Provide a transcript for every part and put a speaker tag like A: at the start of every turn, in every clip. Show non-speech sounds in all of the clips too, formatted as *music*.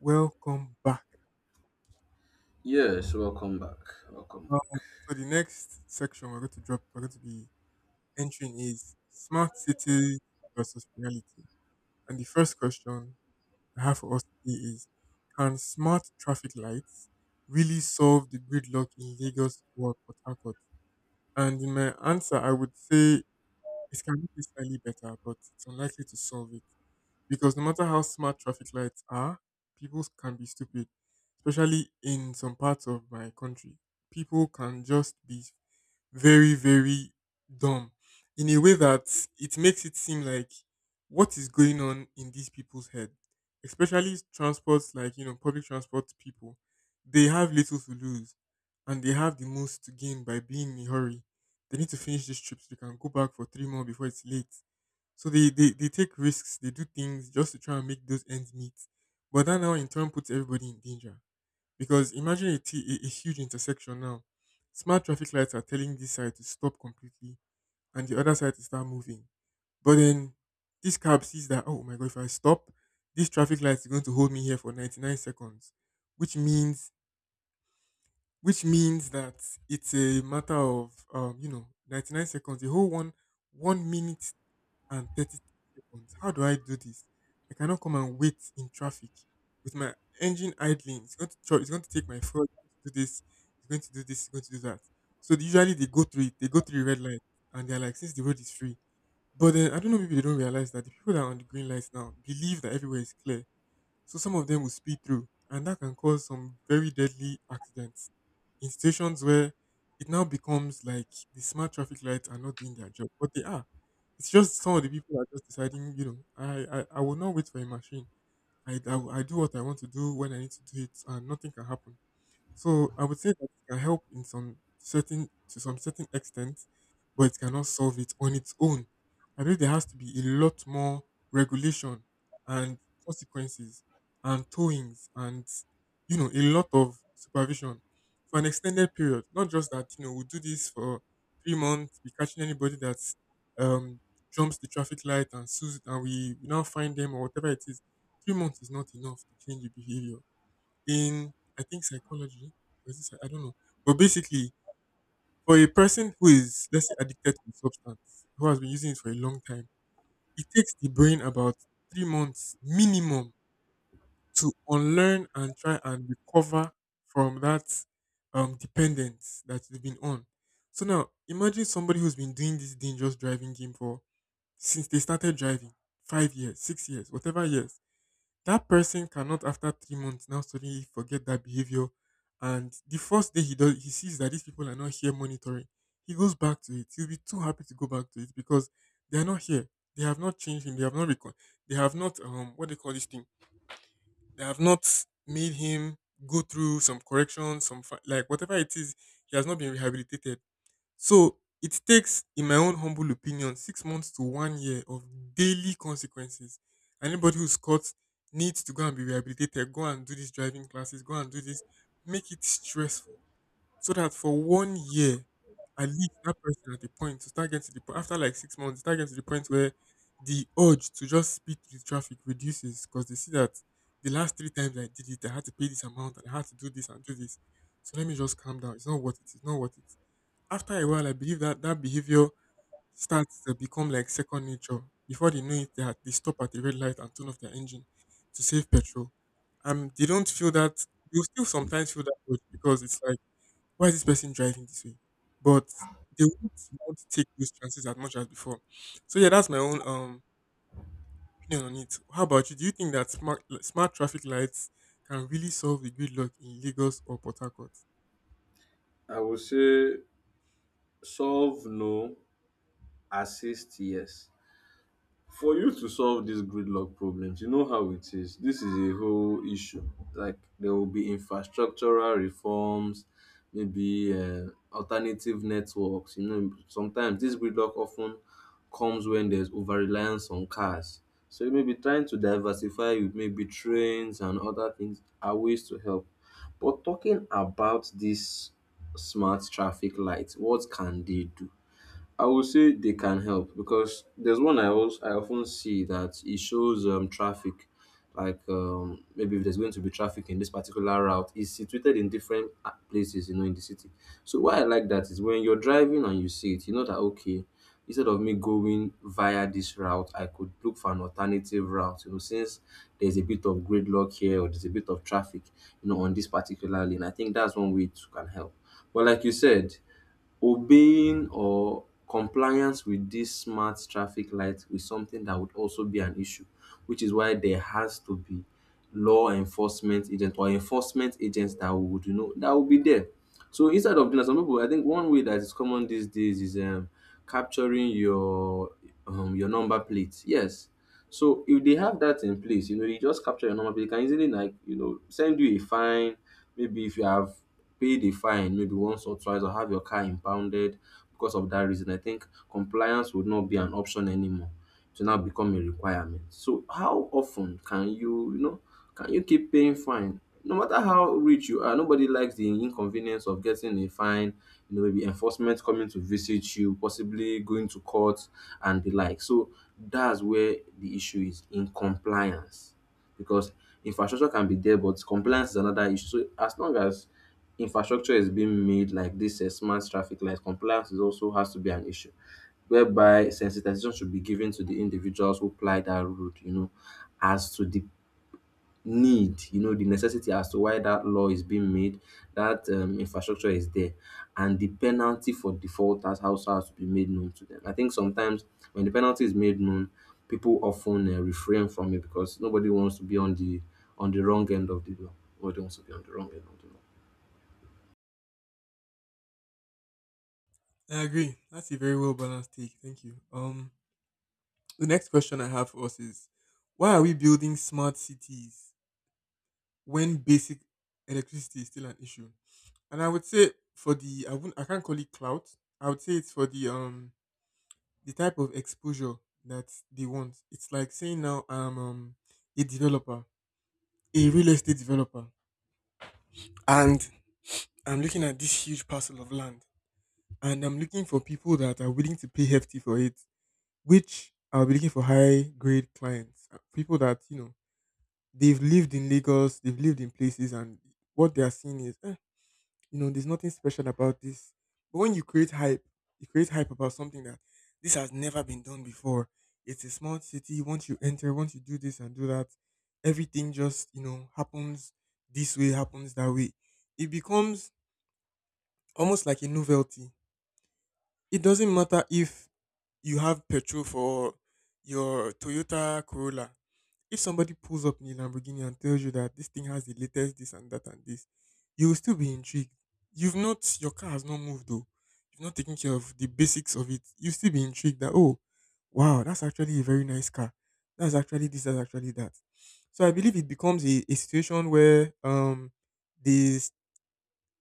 A: Welcome back.
B: Yes, welcome back. Welcome
A: Um,
B: back.
A: so the next section we're going to be entering is smart cities versus reality. And the first question I have for us today is, can smart traffic lights really solve the gridlock in Lagos or Port Harcourt? And in my answer, I would say it can be slightly better, but it's unlikely to solve it. Because no matter how smart traffic lights are, people can be stupid. Especially in some parts of my country, people can just be very, very dumb in a way that it makes it seem like what is going on in these people's head, especially transports like, public transport people. They have little to lose and they have the most to gain by being in a hurry. They need to finish this trip so they can go back for three more before it's late. So they take risks, they do things just to try and make those ends meet. But that now in turn puts everybody in danger. Because imagine a huge intersection now. Smart traffic lights are telling this side to stop completely and the other side to start moving. But then this cab sees that, oh my God, if I stop, this traffic light is going to hold me here for 99 seconds, which means which means that it's a matter of 99 seconds, the whole one minute and 30 seconds. How do I do this? I cannot come and wait in traffic with my engine idling. It's going to take my phone to do this. It's going to do this. It's going to do that. So usually they go through it. They go through the red light, and they're like, since the road is free. But then I don't know. Maybe they don't realize that the people that are on the green lights now believe that everywhere is clear. So some of them will speed through, and that can cause some very deadly accidents in situations where it now becomes like the smart traffic lights are not doing their job, but they are. It's just some of the people are just deciding, I will not wait for a machine. I do what I want to do when I need to do it, and nothing can happen. So I would say that it can help in some certain to some certain extent, but it cannot solve it on its own. I believe there has to be a lot more regulation and consequences and towings and a lot of supervision for an extended period. Not just that we do this for 3 months, we catching anybody that um, jumps the traffic light and sues and we now find them or whatever it is. 3 months is not enough to change the behavior in, I think, psychology, or is it I don't know. But basically, for a person who is, let's say, addicted to a substance who has been using it for a long time, it takes the brain about 3 months minimum to unlearn and try and recover from that dependence that you've been on. So now imagine somebody who's been doing this dangerous driving game for, since they started driving, 5 years, 6 years, whatever years, that person cannot after 3 months now suddenly forget that behavior. And the first day he does, he sees that these people are not here monitoring, he goes back to it. He'll be too happy to go back to it because they are not here. They have not changed him. They have not they have not what they call this thing, they have not made him go through some corrections, some like whatever it is, he has not been rehabilitated. So it takes, in my own humble opinion, 6 months to 1 year of daily consequences. Anybody who's caught needs to go and be rehabilitated, go and do these driving classes, go and do this. Make it stressful so that for 1 year, at least that person, at the point to start getting to the point after like 6 months, start getting to the point where the urge to just speed through the traffic reduces because they see that the last three times I did it, I had to pay this amount and I had to do this and do this. So let me just calm down. It's not worth it. It's not worth it. After a while, I believe that that behavior starts to become like second nature. Before they know it, they stop at the red light and turn off their engine to save petrol. They don't feel that. You still sometimes feel that way because it's like, why is this person driving this way? But they won't want to take those chances as much as before. So yeah, that's my own opinion on it. How about you? Do you think that smart traffic lights can really solve the gridlock in Lagos or Port Harcourt?
B: I would say solve no, assist yes. For you to solve these gridlock problems, you know how it is. This is a whole issue. Like there will be infrastructural reforms, maybe alternative networks. You know, sometimes this gridlock often comes when there's over reliance on cars. So you may be trying to diversify with maybe trains and other things are ways to help. But talking about these smart traffic lights, what can they do? I would say they can help because there's one I often see that it shows traffic, like maybe if there's going to be traffic in this particular route, it's situated in different places, you know, in the city. So why I like that is when you're driving and you see it, you know that okay, instead of me going via this route, I could look for an alternative route, you know, since there's a bit of gridlock here or there's a bit of traffic, you know, on this particular lane. I think that's one way it can help. But like you said, obeying or compliance with these smart traffic lights is something that would also be an issue, which is why there has to be law enforcement agent or enforcement agents that would, you know, that would be there. So instead of doing that, some people, I think one way that is common these days is capturing your number plate. Yes, so if they have that in place, you know, they just capture your number. They can easily, like, you know, send you a fine. Maybe if you have paid a fine, maybe once or twice, or have your car impounded because of that reason. I think compliance would not be an option anymore. To now become a requirement. So how often can you, you know? Can you keep paying fine? No matter how rich you are, nobody likes the inconvenience of getting a fine, you know, maybe enforcement coming to visit you, possibly going to court and the like. So that's where the issue is in compliance. Because infrastructure can be there, but compliance is another issue. So as long as infrastructure is being made like this smart traffic lights, compliance is also has to be an issue whereby sensitization should be given to the individuals who ply that route, you know, as to the need, you know, the necessity as to why that law is being made, that infrastructure is there, and the penalty for defaulters also has to be made known to them. I think sometimes when the penalty is made known, people often refrain from it because nobody wants to be on the wrong end of the law. Nobody wants to be on the wrong end of the law.
A: I agree. That's a very well balanced take. Thank you. The next question I have for us is, why are we building smart cities when basic electricity is still an issue? And I would say, for the I can't call it clout. I would say it's for the type of exposure that they want. It's like saying, now I'm a developer, a real estate developer, and I'm looking at this huge parcel of land, and I'm looking for people that are willing to pay hefty for it, which I'll be looking for high grade clients, people that they've lived in Lagos, they've lived in places, and what they are seeing is, there's nothing special about this. But when you create hype about something that this has never been done before. It's a small city. Once you enter, once you do this and do that, everything just, happens this way, happens that way. It becomes almost like a novelty. It doesn't matter if you have petrol for your Toyota Corolla. If somebody pulls up in a Lamborghini and tells you that this thing has the latest this and that and this, you will still be intrigued. You've not your car has not moved though. You've not taken care of the basics of it. You will still be intrigued that, oh wow, that's actually a very nice car. That's actually this, that's actually that. So I believe it becomes a situation where there's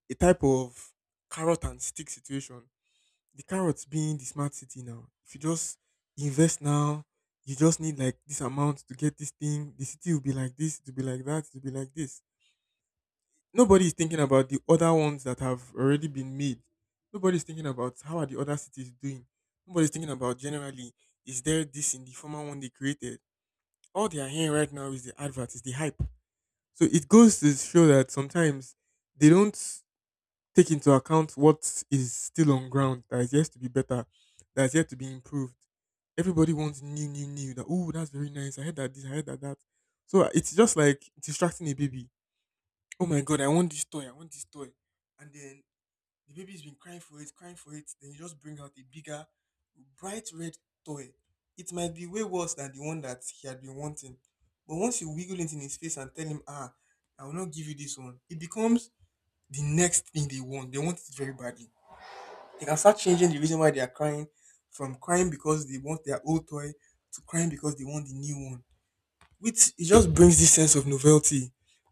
A: a type of carrot and stick situation, the carrots being the smart city. Now, if you just invest now, you just need like this amount to get this thing. The city will be like this, it will be like that, it will be like this. Nobody is thinking about the other ones that have already been made. Nobody is thinking about how are the other cities doing. Nobody is thinking about, generally, is there this in the former one they created? All they are hearing right now is the advert, is the hype. So it goes to show that sometimes they don't take into account what is still on ground that is yet to be better, that is yet to be improved. Everybody wants new, new, new. That, oh, that's very nice. I heard that this. I heard that that. So it's just like distracting a baby. Oh my god, I want this toy. I want this toy. And then the baby's been crying for it, crying for it. Then you just bring out a bigger, bright red toy. It might be way worse than the one that he had been wanting. But once you wiggle it in his face and tell him, ah, I will not give you this one, it becomes the next thing they want. They want it very badly. They can start changing the reason why they are crying, from crying because they want their old toy to crying because they want the new one. Which it just brings this sense of novelty.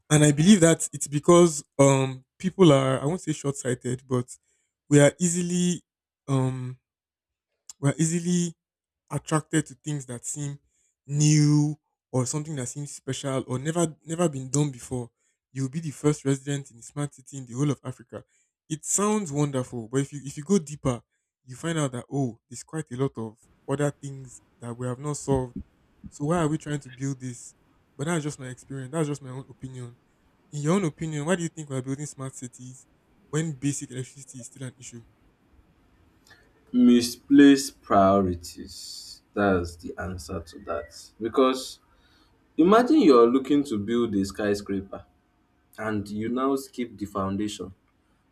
A: And I believe that it's because people are, I won't say short sighted, but we are easily um we are easily attracted to things that seem new or something that seems special or never been done before. You'll be the first resident in the smart city in the whole of Africa. It sounds wonderful, but if you, go deeper, you find out that, oh, there's quite a lot of other things that we have not solved. So why are we trying to build this? But that's just my experience. That's just my own opinion. In your own opinion, why do you think we're building smart cities when basic electricity is still an issue?
B: Misplaced priorities. That's the answer to that. Because imagine you're looking to build a skyscraper and you now skip the foundation,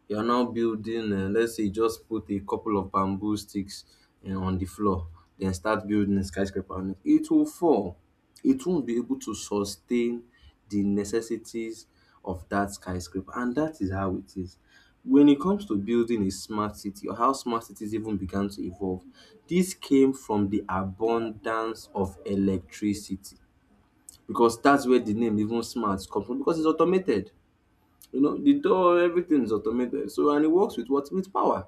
B: you are now building, let's say you just put a couple of bamboo sticks on the floor, then start building a skyscraper on it. It will fall. It won't be able to sustain the necessities of that skyscraper, and that is how it is when it comes to building a smart city or how smart cities even began to evolve. This came from the abundance of electricity, because that's where the name even smart comes from, because it's automated. You know, the door, everything is automated. So, and it works with what? With power.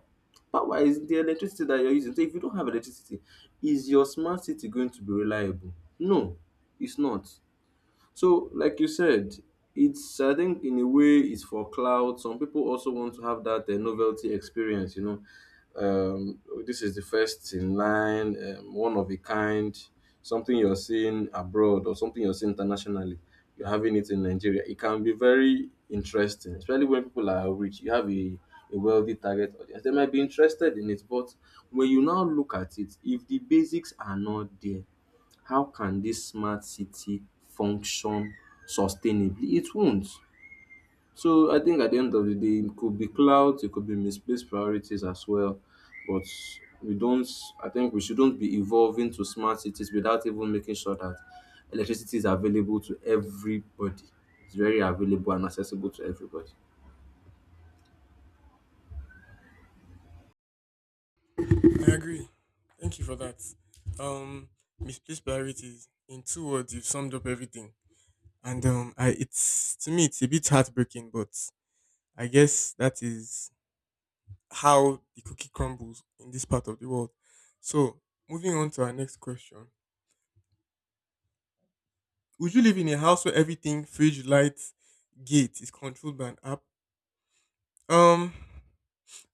B: Power is the electricity that you're using. So, if you don't have electricity, is your smart city going to be reliable? No, it's not. So, like you said, it's, I think in a way it's for cloud. Some people also want to have that novelty experience. You know, um, this is the first in line, one of a kind, something you're seeing abroad or something you're seeing internationally. You're having it in Nigeria. It can be very interesting, especially when people are rich. You have a wealthy target audience. They might be interested in it, but when you now look at it, if the basics are not there, how can this smart city function sustainably? It won't. So I think at the end of the day, it could be clouds. It could be misplaced priorities as well. But we don't, I think we shouldn't be evolving to smart cities without even making sure that electricity is available to everybody. It's very available and accessible to everybody.
A: I agree. Thank you for that. Um, Misplaced priorities. In two words, you've summed up everything. And I it's to me it's a bit heartbreaking, but I guess that is how the cookie crumbles in this part of the world. So moving on to our next question: would you live in a house where everything, fridge, lights, gate, is controlled by an app? Um,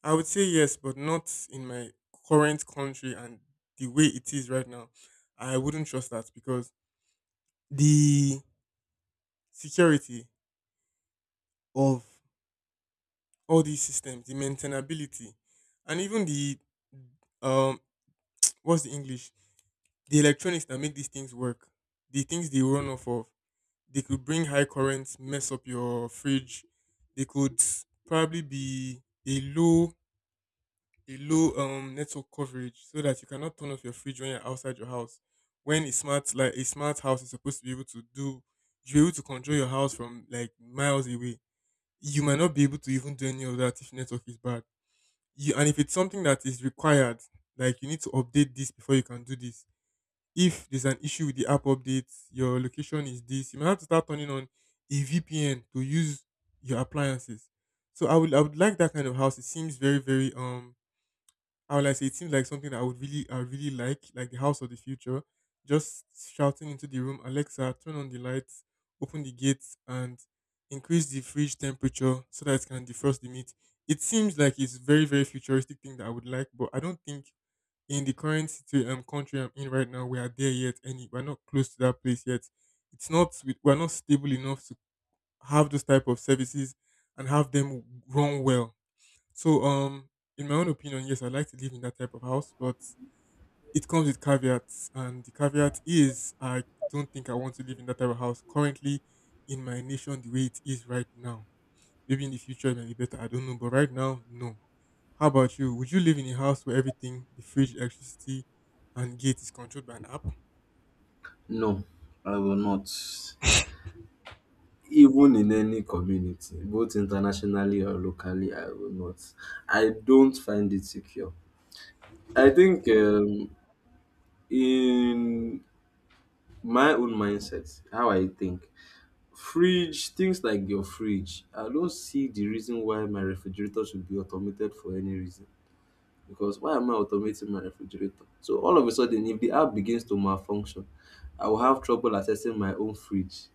A: I would say yes, but not in my current country and the way it is right now. I wouldn't trust that because the security of all these systems, the maintainability, and even the um what's the English? The electronics that make these things work, the things they run off of, they could bring high currents, mess up your fridge. They could probably be a low a low network coverage so that you cannot turn off your fridge when you're outside your house. When a smart house is supposed to be able to do, you're able to control your house from like miles away, you might not be able to even do any of that if network is bad. You and if it's something that is required, like you need to update this before you can do this. If there's an issue with the app updates, your location is this, you might have to start turning on a VPN to use your appliances. So I would like that kind of house. It seems very, very I would like say it seems like something that I really like the house of the future. Just shouting into the room, Alexa, turn on the lights, open the gates, and increase the fridge temperature so that it can defrost the meat. It seems like it's very very futuristic thing that I would like, but I don't think in the country I'm in right now we are there yet. Any We're not close to that place yet. It's not we're not stable enough to have those type of services and have them run well, so, in my own opinion, yes, I'd like to live in that type of house, but it comes with caveats, and the caveat is I don't think I want to live in that type of house currently in my nation the way it is right now. Maybe in the future it might be better, I don't know, but right now, no. How about you? Would you live in a house where everything, the fridge, electricity, and gate is controlled by an app?
B: No, I will not. Even in any community, both internationally or locally, I will not. I don't find it secure. I think in my own mindset, how I think, fridge, things like your fridge, I don't see the reason why my refrigerator should be automated for any reason. Because why am I automating my refrigerator? So all of a sudden, if the app begins to malfunction, I will have trouble accessing my own fridge.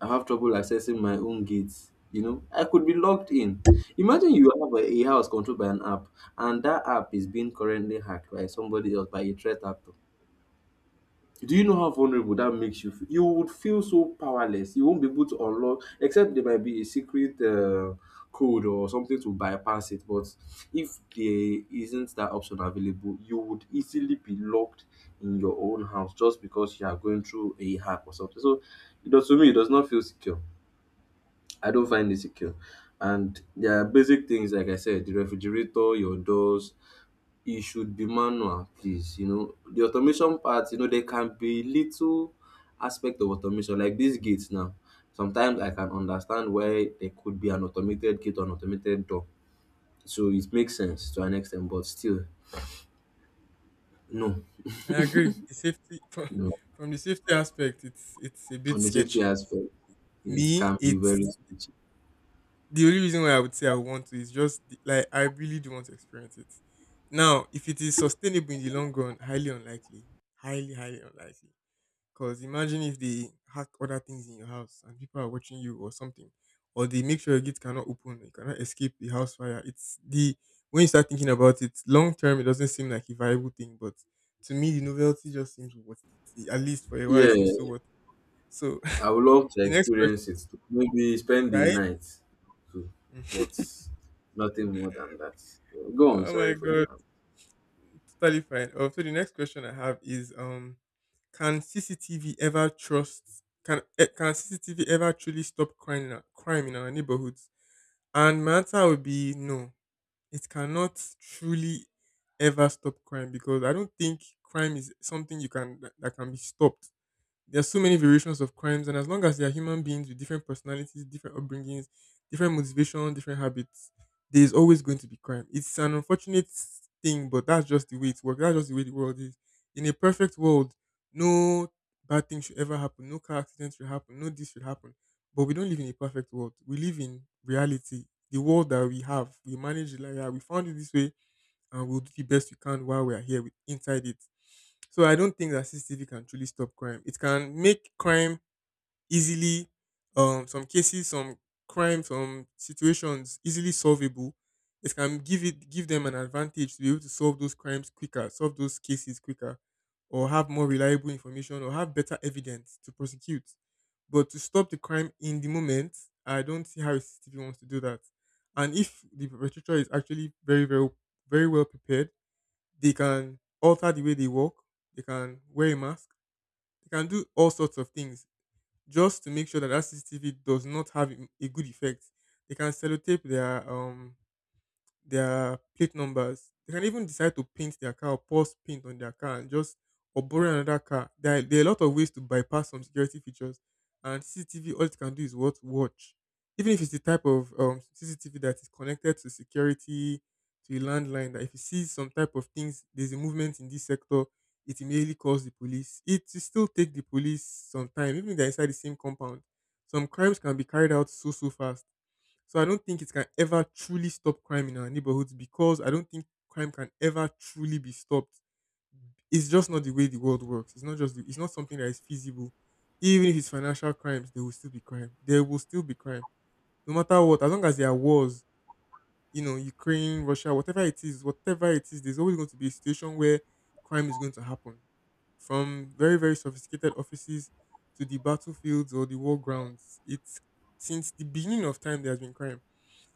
B: I have trouble accessing my own gates. You know, I could be locked in. Imagine you have a house controlled by an app, and that app is being currently hacked by somebody else, by a threat actor. Do you know how vulnerable that makes you feel? You would feel so powerless. You won't be able to unlock, except there might be a secret code or something to bypass it. But if there isn't that option available, you would easily be locked in your own house just because you are going through a hack or something. So, you know, to me, it does not feel secure. I don't find it
A: Mm,
B: secure. And there are basic things, like I said, the refrigerator, your doors, it should be manual, please. You know, the automation part, you know, there can be little aspect of automation, like these gates now. Sometimes I can understand why there could be an automated gate or an automated door. So it makes sense to an extent, but still, no.
A: I agree. The safety *laughs*
B: No.
A: from the safety aspect, it's a bit
B: On the safety
A: sketchy.
B: aspect, it
A: Me,
B: can be very
A: it's
B: sketchy.
A: the only reason why I would say I want to is just like I really do want to experience it. Now, if it is sustainable in the long run, highly unlikely, highly unlikely. Because imagine if they hack other things in your house and people are watching you or something, or they make sure your gate cannot open, you cannot escape the house fire. It's the When you start thinking about it, long term, it doesn't seem like a viable thing. But to me, the novelty just seems worth it. At least for a while, it seems so
B: Yeah,
A: worth. It. So
B: I would love
A: *laughs*
B: to
A: the next question,
B: experience it too. Maybe spend the
A: right?
B: night too,
A: *laughs*
B: but nothing more than that. Go on,
A: Oh my
B: sorry for
A: god.
B: interrupting.
A: Totally fine. Oh, so the next question I have is can CCTV ever truly stop crime in crime in our neighborhoods? And my answer would be no. It cannot truly ever stop crime because I don't think crime is something that can be stopped. There are so many variations of crimes, and as long as they are human beings with different personalities, different upbringings, different motivation, different habits, there is always going to be crime. It's an unfortunate thing, but that's just the way it works. That's just the way the world is. In a perfect world, no bad thing should ever happen, no car accident should happen, no this should happen. But we don't live in a perfect world. We live in reality, the world that we have. We manage it like that. We found it this way and we'll do the best we can while we are here inside it. So I don't think that CCTV can truly stop crime. It can make crime easily, some cases, some crimes, some situations, easily solvable. It can give it give them an advantage to be able to solve those crimes quicker, solve those cases quicker, or have more reliable information or have better evidence to prosecute, but to stop the crime in the moment, I don't see how a CCTV wants to do that. And if the perpetrator is actually very very well prepared, they can alter the way they walk, they can wear a mask, they can do all sorts of things just to make sure that CCTV does not have a good effect. They can sellotape their plate numbers. They can even decide to paint their car, or pause paint on their car and just or borrow another car. There are a lot of ways to bypass some security features. And CCTV, all it can do is what watch. Even if it's the type of CCTV that is connected to security, to a landline, that if it sees some type of things, there's a movement in this sector, it immediately calls the police. It will still take the police some time, even if they're inside the same compound. Some crimes can be carried out so fast, so I don't think it can ever truly stop crime in our neighborhoods because I don't think crime can ever truly be stopped. It's just not the way the world works. It's not something that is feasible. Even if it's financial crimes, there will still be crime. There will still be crime. No matter what, as long as there are wars, you know, Ukraine, Russia, whatever it is, there's always going to be a situation where crime is going to happen. From very, very sophisticated offices to the battlefields or the war grounds. It's since the beginning of time there has been crime,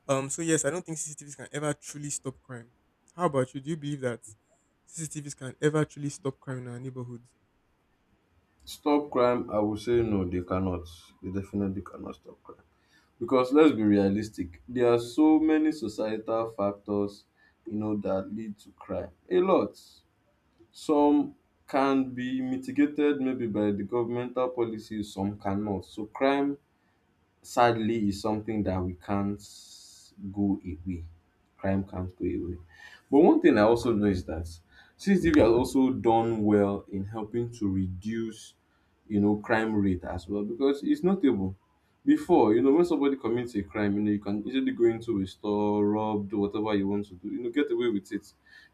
A: so yes, I don't think CCTVs can ever truly stop crime. How about you? Do you believe that CCTVs can ever truly stop crime in our neighborhoods?
B: Stop crime, I would say no, they cannot. They definitely cannot stop crime. Because let's be realistic, there are so many societal factors, you know, that lead to crime. A lot. Some can be mitigated maybe by the governmental policies, some cannot. So crime sadly is something that we can't go away. Crime can't go away. But one thing I also know is that CCTV has also done well in helping to reduce, you know, crime rate as well because it's notable. Before, you know, when somebody commits a crime, you know, you can easily go into a store, rob, do whatever you want to do, you know, get away with it.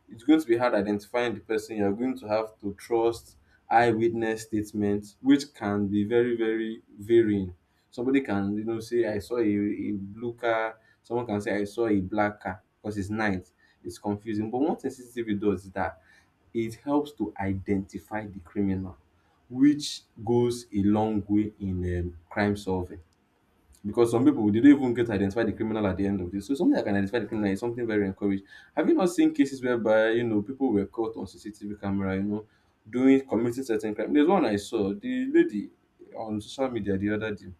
B: It's going to be hard identifying the person. You're going to have to trust eyewitness statements, which can be very, very varying. Somebody can, you know, say, I saw a blue car. Someone can say, I saw a black car because it's night. It's confusing. But one thing CCTV does is that it helps to identify the criminal, which goes a long way in crime solving. Because some people they don't even get to identify the criminal at the end of this. So something that can identify the criminal is something very encouraged. Have you not seen cases whereby you know people were caught on CCTV camera, you know, doing committing certain crime? There's one I saw. The lady on social media the other day,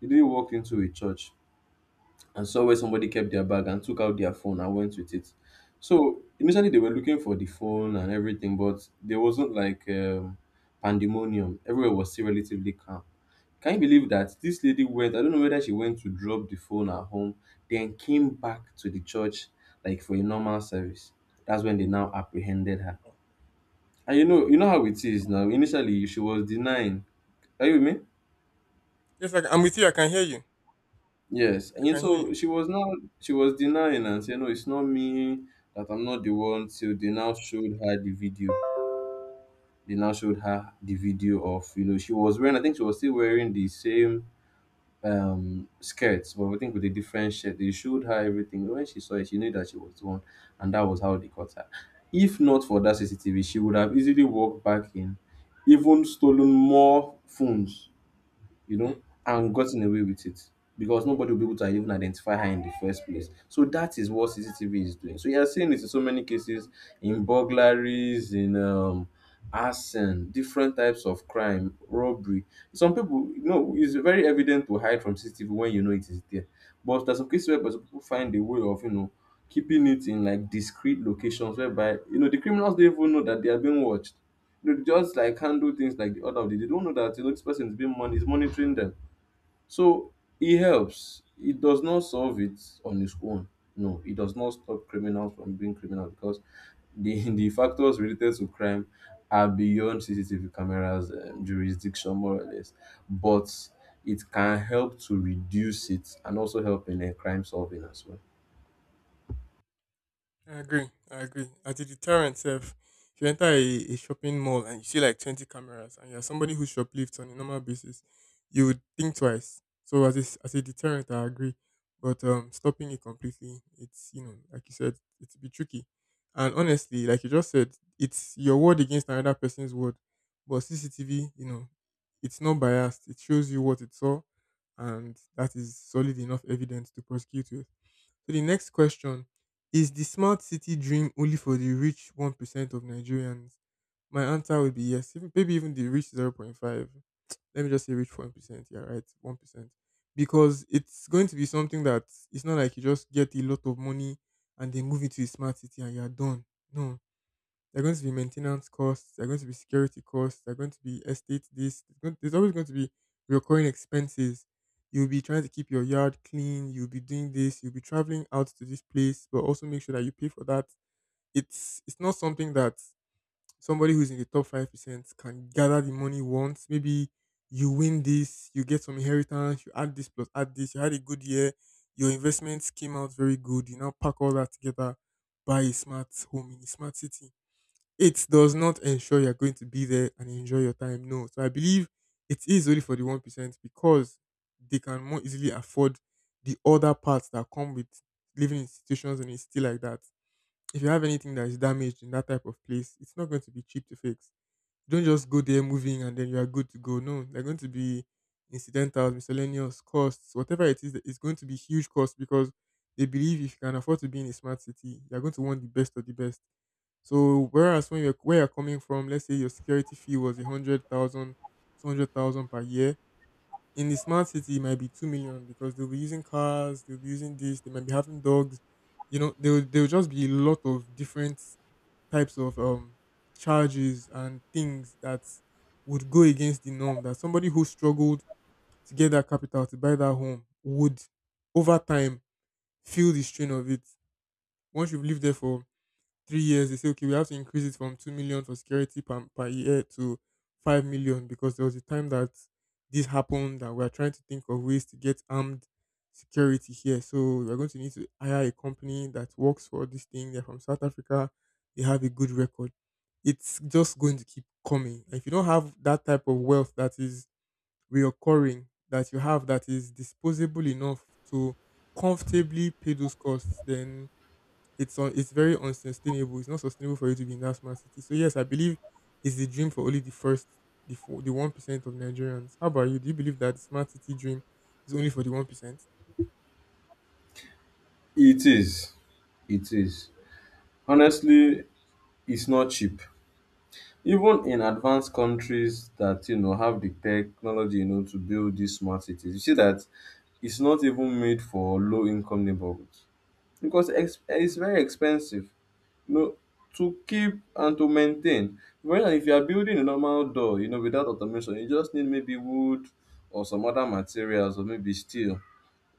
B: the lady walked into a church and saw where somebody kept their bag and took out their phone and went with it. So initially they were looking for the phone and everything, but there wasn't like pandemonium. Everywhere was still relatively calm. Can you believe that this lady went? I don't know whether she went to drop the phone at home, then came back to the church like for a normal service. That's when they now apprehended her. And you know how it is now. Initially, she was denying. Are you with me?
A: Yes, I'm with you. I can hear you.
B: Yes,
A: I
B: and
A: can hear
B: so
A: you.
B: she was now she was denying and saying, "No, it's not me. That I'm not the one." Till they now showed her the video. They now showed her the video of you know she was wearing. I think she was still wearing the same skirts, but we think with a different shirt. They showed her everything. When she saw it, she knew that she was the one, and that was how they caught her. If not for that CCTV, she would have easily walked back in, even stolen more phones you
A: Hmm.
B: know, and gotten away with it because nobody will be able to even identify her in the first place. So that is what CCTV is doing. So you are seeing this in so many cases in burglaries, in arson, different types of crime, robbery. Some people, you know, it's very evident to hide from CCTV when you know it is there. But there's some cases where some people find a way of, you know, keeping it in like discrete locations whereby, you know, the criminals don't even know that they are being watched. They just like handle things like the order of the day. They don't know that you know this person is is monitoring them. So it helps. It does not solve it on its own. No, it does not stop criminals from being criminal because the *laughs* the factors related to crime are beyond CCTV cameras jurisdiction, more or less. But it can help to reduce it and also help in crime solving as well.
A: I agree. I agree. As a deterrent self, if you enter a shopping mall and you see like 20 cameras and you're somebody who shoplifts on a normal basis, you would think twice. So as as a deterrent, I agree. But stopping it completely, it's, you know, like you said, it's a bit tricky. And honestly, like you just said, it's your word against another person's word. But CCTV, you know, it's not biased. It shows you what it saw, and that is solid enough evidence to prosecute with. So the next question is, the smart city dream only for the rich 1% of Nigerians? My answer would be yes, even, maybe even the rich 0. 0.5. Let me just say rich 1%. Yeah, right, 1%. Because it's going to be something that it's not like you just get a lot of money and they move it to a smart city and you're done. No, there are going to be maintenance costs. There are going to be security costs. There are going to be estate this. There's always going to be recurring expenses. You'll be trying to keep your yard clean. You'll be doing this. You'll be traveling out to this place, but also make sure that you pay for that. It's not something that somebody who's in the top 5% can gather the money once. Maybe you win this, you get some inheritance, you add this plus add this. You had a good year. Your investments came out very good. You now pack all that together, buy a smart home in a smart city. It does not ensure you're going to be there and enjoy your time. No. So I believe it is only for the 1% because they can more easily afford the other parts that come with living in institutions and it's still like that. If you have anything that is damaged in that type of place, it's not going to be cheap to fix. Don't just go there moving and then you are good to go. No, they're going to be incidental, miscellaneous costs, whatever it is. It's going to be huge costs because they believe if you can afford to be in a smart city, you're going to want the best of the best. So whereas when you're where you're coming from, let's say your security fee was 100,000, 200,000 per year. In the smart city, it might be 2 million because they'll be using cars, they'll be using this, they might be having dogs. There will just be a lot of different types of charges and things that would go against the norm that somebody who struggled to get that capital to buy that home would over time feel the strain of it once you've lived there for 3 years. They say, okay, we have to increase it from 2 million for security per year to 5 million because there was a time that this happened and we are trying to think of ways to get armed security here, so we're going to need to hire a company that works for this thing. They're from South Africa, they have a good record. It's just going to keep coming. If you don't have that type of wealth that is reoccurring, that you have, that is disposable enough to comfortably pay those costs, then it's on. It's very unsustainable. It's not sustainable for you to be in that smart city. So yes, I believe it's the dream for only the first, the four, the 1% of Nigerians. How about you? Do you believe that the smart city dream is only for the 1%?
B: It is. It is. Honestly, it's not cheap. Even in advanced countries that you know have the technology, you know, to build these smart cities, you see that it's not even made for low income neighborhoods because
A: Hmm,
B: it's very expensive, you know, to keep and to maintain. Whereas if you are building a normal door, you know, without automation, you just need maybe wood or some other materials or maybe steel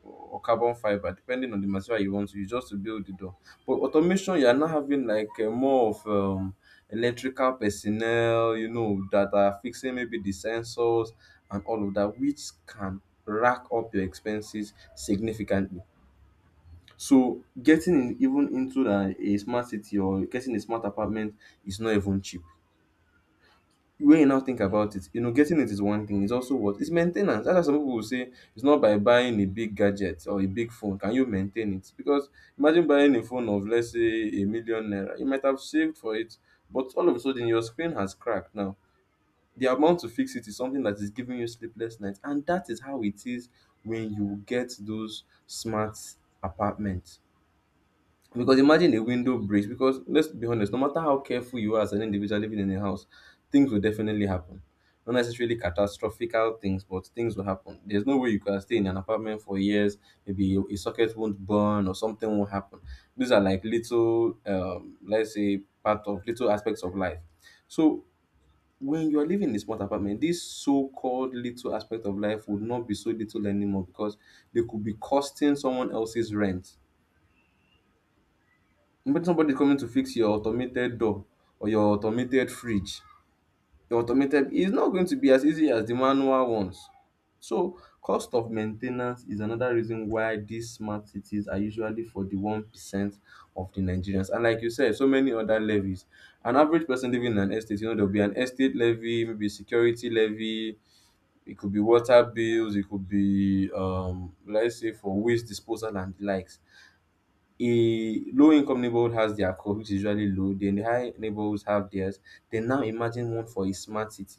B: or carbon fiber depending on the material you want to use just to build the door. But automation, you are now having like more of electrical personnel you know that are fixing maybe the sensors and all of that, which can rack up your expenses significantly. So getting in, even into a smart city or getting a smart apartment is not even cheap. When you now think
A: hmm,
B: about it, you know, getting it is one thing. It's also what it's maintenance. That's why some people will say it's not by buying a big gadget or a big phone can you maintain it. Because imagine buying a phone of let's say a million naira, you might have saved for it, but all of a sudden your screen has cracked. Now the amount to fix it is something that is giving you sleepless nights, and that is how it is when you get those smart apartments. Because imagine a window breaks, because let's be honest, no matter how careful you are as an individual living in a house, things will definitely happen. Not necessarily catastrophic things, but things will happen. There's no way you can stay in an apartment for years, maybe a socket won't burn or something won't happen. These are like little, let's say, part of little aspects of life. So when you're living in a small apartment, this so called little aspect of life would not be so little anymore, because they could be costing someone else's rent, but somebody coming to fix your automated door or your automated fridge. Your automated, it's not going to be as easy as the manual ones. So cost of maintenance is another reason why these smart cities are usually for the 1% of the Nigerians. And like you said, so many other levies. An average person living in an estate, you know, there'll be an estate levy, maybe security levy, it could be water bills, it could be let's say for waste disposal and the likes. A low income neighborhood has their codes, which is usually low, then the high neighborhoods have theirs. Then now imagine one for a smart city.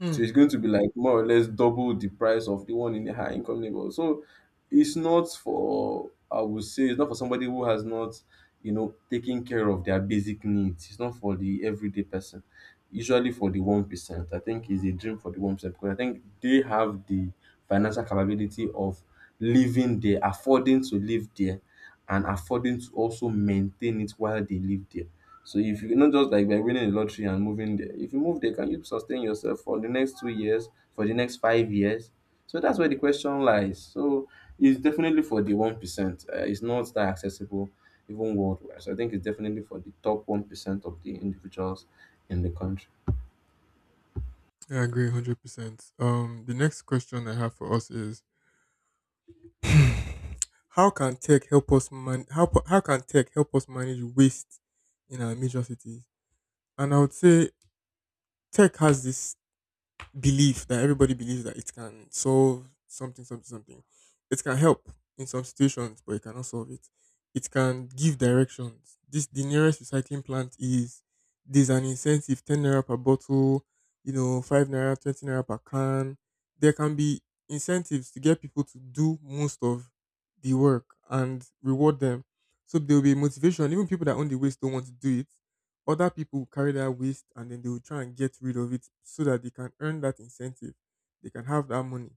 A: hmm.
B: So it's going to be like more or less double the price of the one in a high income neighborhood. So it's not for, I would say it's not for somebody who has not, you know, taken care of their basic needs. It's not for the everyday person. Usually for the 1%, I think is a dream for the 1% because I think they have the financial capability of living there, affording to live there, and affording to also maintain it while they live there. So if you not just like by winning the lottery and moving there, if you move there, can you sustain yourself for the next 2 years, for the next 5 years? So that's where the question lies. So it's definitely for the 1%. It's not that accessible even worldwide. So I think it's definitely for the top 1% of the individuals in the country.
A: Yeah, I agree, 100%. The next question I have for us is, how can tech help us how can tech help us manage waste in our major cities? And I would say tech has this belief that everybody believes that it can solve something, something, something. It can help in some situations, but it cannot solve it. It can give directions. This The nearest recycling plant is there's an incentive, 10 naira per bottle, 5 naira, 20 naira per can. There can be incentives to get people to do most of the work and reward them. So there will be motivation. Even people that own the waste don't want to do it. Other people will carry that waste and then they will try and get rid of it so that they can earn that incentive. They can have that money.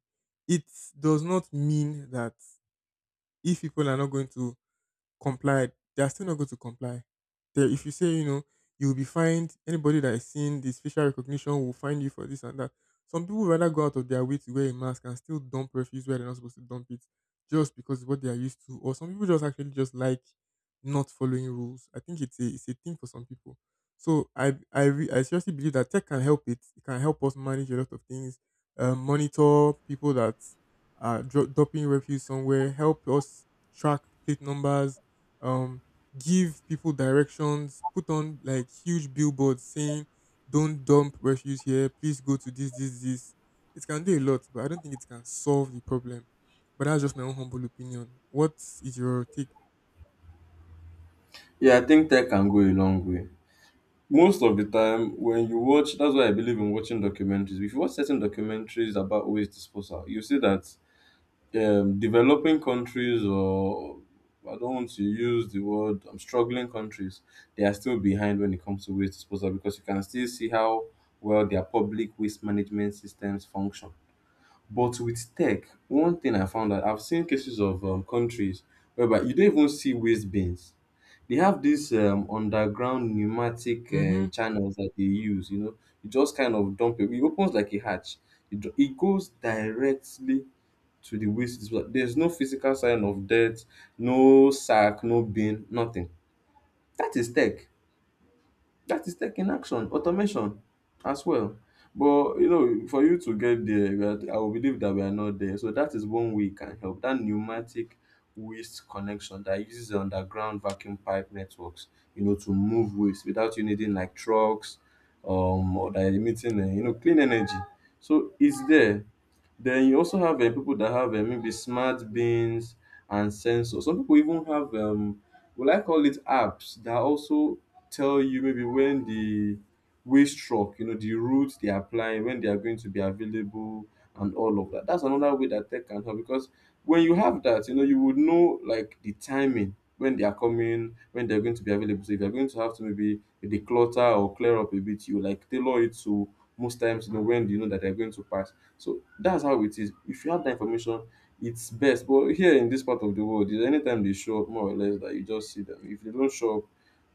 A: It does not mean that if people are not going to complied, they are still not going to comply. They, if you say, you will be fined, anybody that is seeing this facial recognition will find you for this and that. Some people rather go out of their way to wear a mask and still dump refuse where they're not supposed to dump it just because it's what they are used to. Or some people just actually just like not following rules. I think it's a thing for some people. So I seriously believe that tech can help it. It can help us manage a lot of things, monitor people that are dumping refuse somewhere, help us track plate numbers, um give people directions, put on like huge billboards saying don't dump refuse here, please go to this, this, this. It can do a lot, but I don't think it can solve the problem. But that's just my own humble opinion. What is your take?
B: Yeah, I think tech can go a long way. Most of the time, when you watch, that's why I believe in watching documentaries. If you watch certain documentaries about waste disposal, you see that developing countries or I don't want to use the word struggling countries, they are still behind when it comes to waste disposal because you can still see how well their public waste management systems function. But with tech, one thing I found that I've seen cases of countries whereby you don't even see waste bins. They have these underground pneumatic
A: Mm-hmm.
B: channels that they use. You know, you just kind of dump it. It opens like a hatch. It goes directly to the waste disposal. There's no physical sign of death, no sack, no bin, nothing. That is tech. That is tech in action, automation as well. But you know, for you to get there, I will believe that we are not there. So that is one way it can help. That pneumatic waste connection that uses the underground vacuum pipe networks, you know, to move waste without you needing like trucks, or that are emitting, you know, clean energy. So it's there. Then you also have people that have maybe smart bins and sensors. Some people even have, well, I call it apps that also tell you maybe when the waste truck, you know, the routes they are applying, when they are going to be available, and all of that. That's another way that tech can help, because when you have that, you know, you would know like the timing when they are coming, when they're going to be available. So if you're going to have to maybe declutter or clear up a bit, you like tailor it to most times, you know, when you know that they're going to pass. So that's how it is. If you have that information, it's best. But here in this part of the world, anytime they show up, more or less, that you just see them. If they don't show up,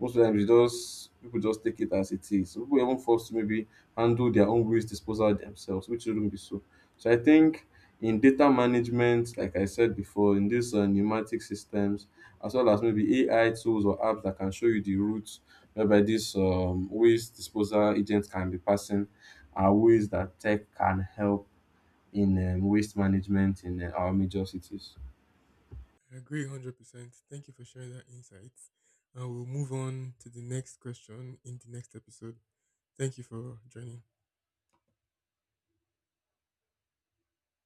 B: most of the time, they just people just take it as it is. So people are even forced to maybe handle their own waste disposal themselves, which shouldn't be so. So I think in data management, like I said before, in these pneumatic systems, as well as maybe AI tools or apps that can show you the routes whereby this waste disposal agents can be passing, are ways that tech can help in waste management in our major cities.
A: I agree 100%. Thank you for sharing that insight, and we'll move on to the next question in the next episode. Thank you for joining.